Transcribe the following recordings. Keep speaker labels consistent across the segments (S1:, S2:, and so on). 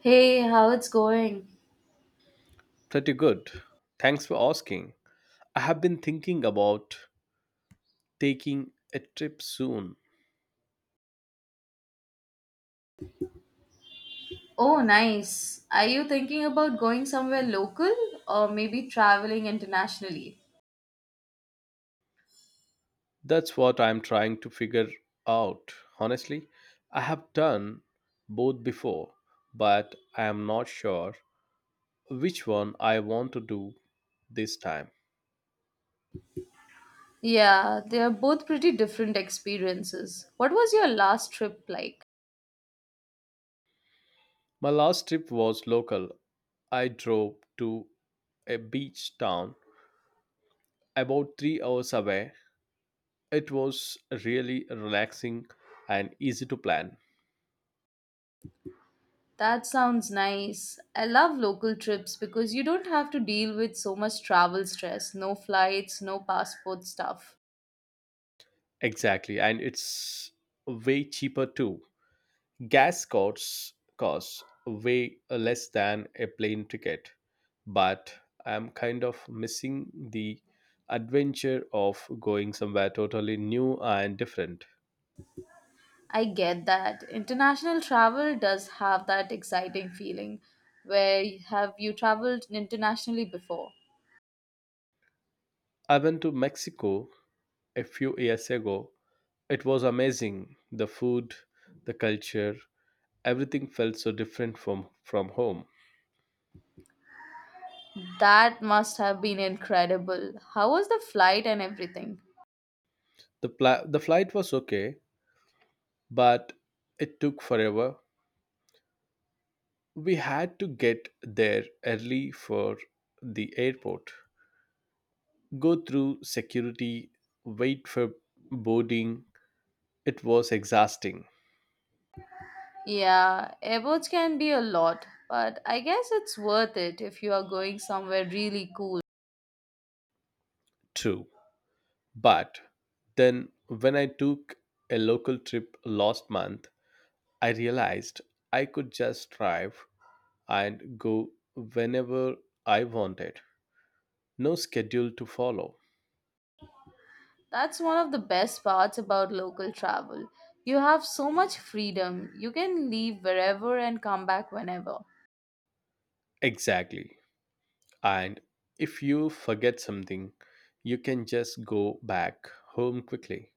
S1: Hey, how it's going?
S2: Pretty good. Thanks for asking. I have been thinking about taking a trip soon.
S1: Oh, nice. Are you thinking about going somewhere local or maybe traveling internationally?
S2: That's what I'm trying to figure out. Honestly, I have done both before, but I am not sure which one I want to do this time.
S1: Yeah, they are both pretty different experiences. What was your last trip like?
S2: My last trip was local. I drove to a beach town about 3 hours away. It was really relaxing and easy to plan.
S1: That sounds nice. I love local trips because you don't have to deal with so much travel stress, no flights, no passport stuff.
S2: Exactly, and it's way cheaper too. Gas costs way less than a plane ticket, but I'm kind of missing the adventure of going somewhere totally new and different.
S1: I get that. International travel does have that exciting feeling, where have you traveled internationally before?
S2: I went to Mexico a few years ago. It was amazing. The food, the culture, everything felt so different from home.
S1: That must have been incredible. How was the flight and everything?
S2: The flight was okay, but it took forever. We had to get there early for the airport, go through security, wait for boarding. It was exhausting,
S1: Yeah, airports can be a lot, but I guess it's worth it if you are going somewhere really cool.
S2: true. But then, when I took a local trip last month, I realized I could just drive and go whenever I wanted. No schedule to follow.
S1: That's one of the best parts about local travel. You have so much freedom. You can leave wherever and come back whenever.
S2: Exactly. And if you forget something, you can just go back home quickly.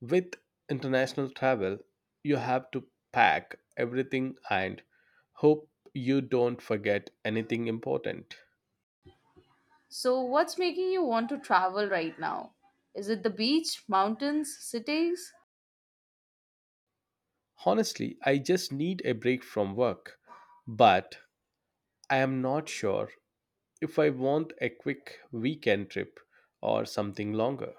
S2: With international travel, you have to pack everything and hope you don't forget anything important.
S1: So, what's making you want to travel right now? Is it the beach, mountains, cities?
S2: Honestly, I just need a break from work, but I am not sure if I want a quick weekend trip or something longer.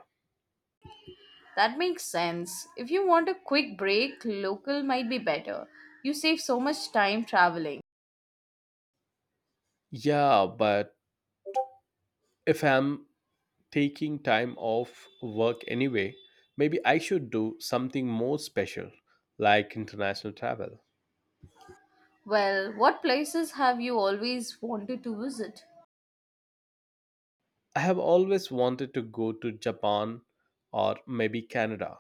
S1: That makes sense. If you want a quick break, local might be better. You save so much time traveling.
S2: Yeah, but if I'm taking time off work anyway, maybe I should do something more special like international travel.
S1: Well, what places have you always wanted to visit?
S2: I have always wanted to go to Japan or maybe Canada,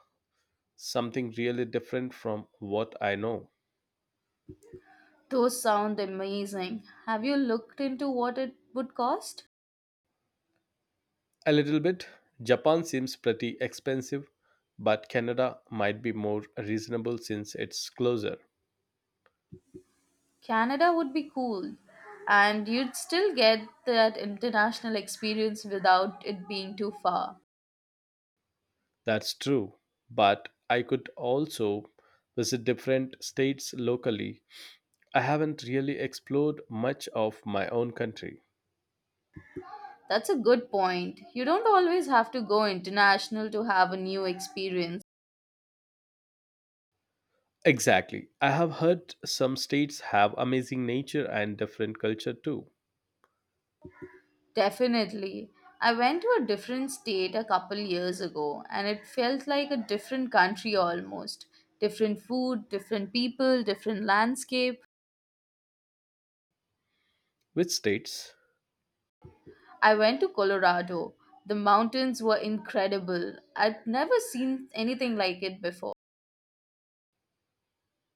S2: something really different from what I know.
S1: Those sound amazing. Have you looked into what it would cost?
S2: A little bit. Japan seems pretty expensive, but Canada might be more reasonable since it's closer.
S1: Canada would be cool, and you'd still get that international experience without it being too far.
S2: That's true, but I could also visit different states locally. I haven't really explored much of my own country.
S1: That's a good point. You don't always have to go international to have a new experience.
S2: Exactly. I have heard some states have amazing nature and different culture too.
S1: Definitely. I went to a different state a couple years ago and it felt like a different country almost. Different food, different people, different landscape.
S2: Which states?
S1: I went to Colorado. The mountains were incredible. I'd never seen anything like it before.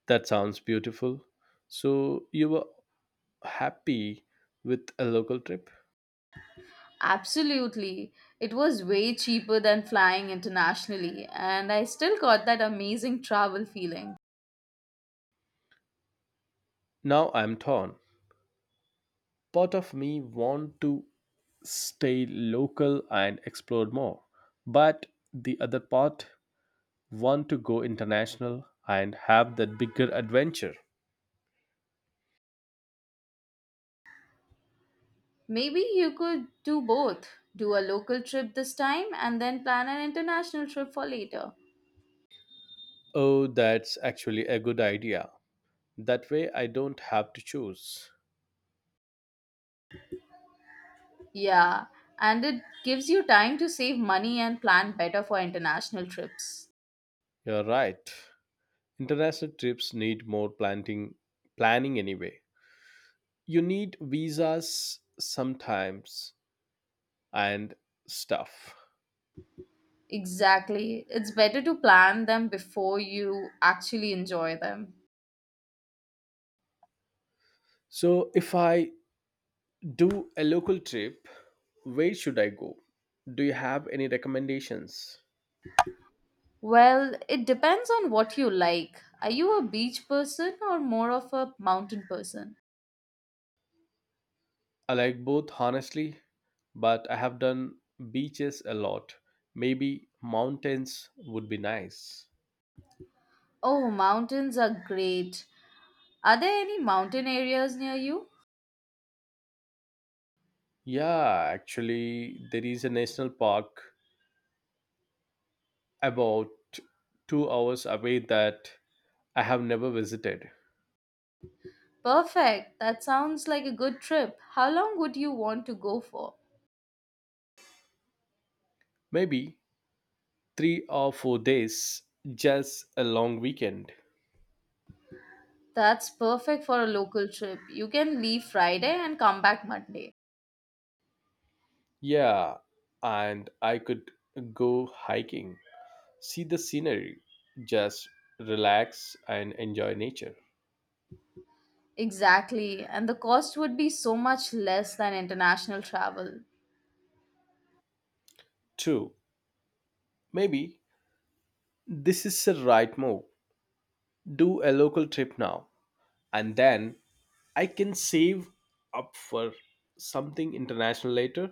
S2: That sounds beautiful. So you were happy with a local trip?
S1: Absolutely. It was way cheaper than flying internationally, and I still got that amazing travel feeling.
S2: Now I'm torn. Part of me want to stay local and explore more, but the other part want to go international and have that bigger adventure.
S1: Maybe you could do both. Do a local trip this time and then plan an international trip for later.
S2: Oh, that's actually a good idea. That way I don't have to choose.
S1: Yeah, and it gives you time to save money and plan better for international trips.
S2: You're right, international trips need more planting planning anyway. You need visas sometimes and stuff.
S1: Exactly. It's better to plan them before you actually enjoy them.
S2: So, if I do a local trip, where should I go? Do you have any recommendations?
S1: Well, it depends on what you like. Are you a beach person or more of a mountain person?
S2: I like both, honestly, but I have done beaches a lot. Maybe mountains would be nice.
S1: Oh, mountains are great. Are there any mountain areas near you?
S2: Yeah, actually, there is a national park about 2 hours away that I have never visited.
S1: Perfect. That sounds like a good trip. How long would you want to go for?
S2: Maybe 3 or 4 days, just a long weekend.
S1: That's perfect for a local trip. You can leave Friday and come back Monday.
S2: Yeah, and I could go hiking, see the scenery, just relax and enjoy nature.
S1: Exactly. And the cost would be so much less than international travel.
S2: True, maybe this is the right move. Do a local trip now, and then I can save up for something international later,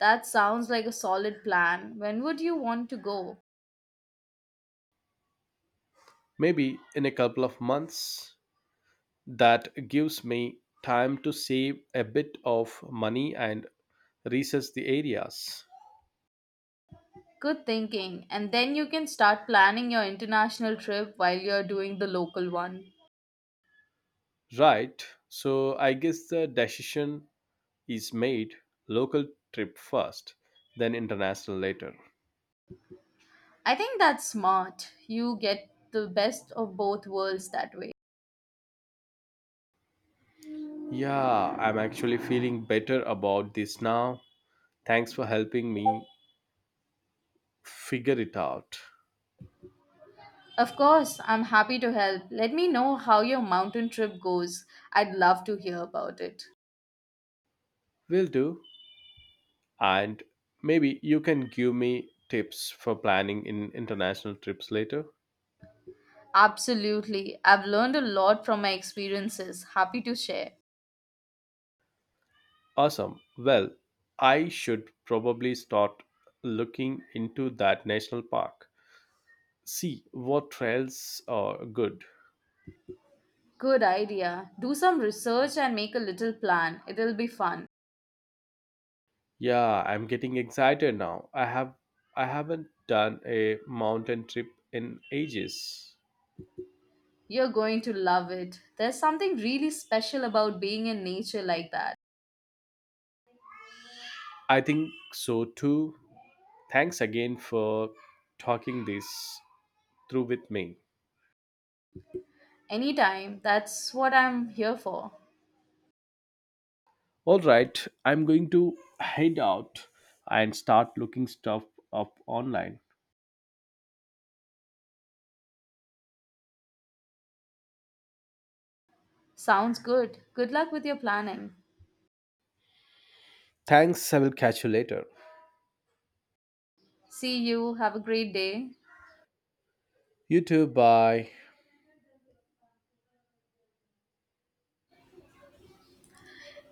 S1: That sounds like a solid plan. When would you want to go?
S2: maybe in a couple of months. That gives me time to save a bit of money and research the areas.
S1: Good thinking. And then you can start planning your international trip while you're doing the local one.
S2: Right. So I guess the decision is made: local trip first, then international later.
S1: I think that's smart. You get the best of both worlds that way.
S2: Yeah, I'm actually feeling better about this now. Thanks for helping me figure it out.
S1: Of course, I'm happy to help. Let me know how your mountain trip goes. I'd love to hear about it.
S2: Will do. And maybe you can give me tips for planning in international trips later.
S1: Absolutely. I've learned a lot from my experiences. Happy to share.
S2: Awesome. Well, I should probably start looking into that national park. See what trails are good.
S1: Good idea. Do some research and make a little plan. It'll be fun.
S2: Yeah, I'm getting excited now. I have I haven't done a mountain trip in ages.
S1: You're going to love it. There's something really special about being in nature like that.
S2: I think so too. Thanks again for talking this through with me.
S1: Anytime. That's what I'm here for.
S2: All right, I'm going to head out and start looking stuff up online.
S1: Sounds good. Good luck with your planning.
S2: Thanks, I will catch you later.
S1: See you. Have a great day.
S2: You too, bye.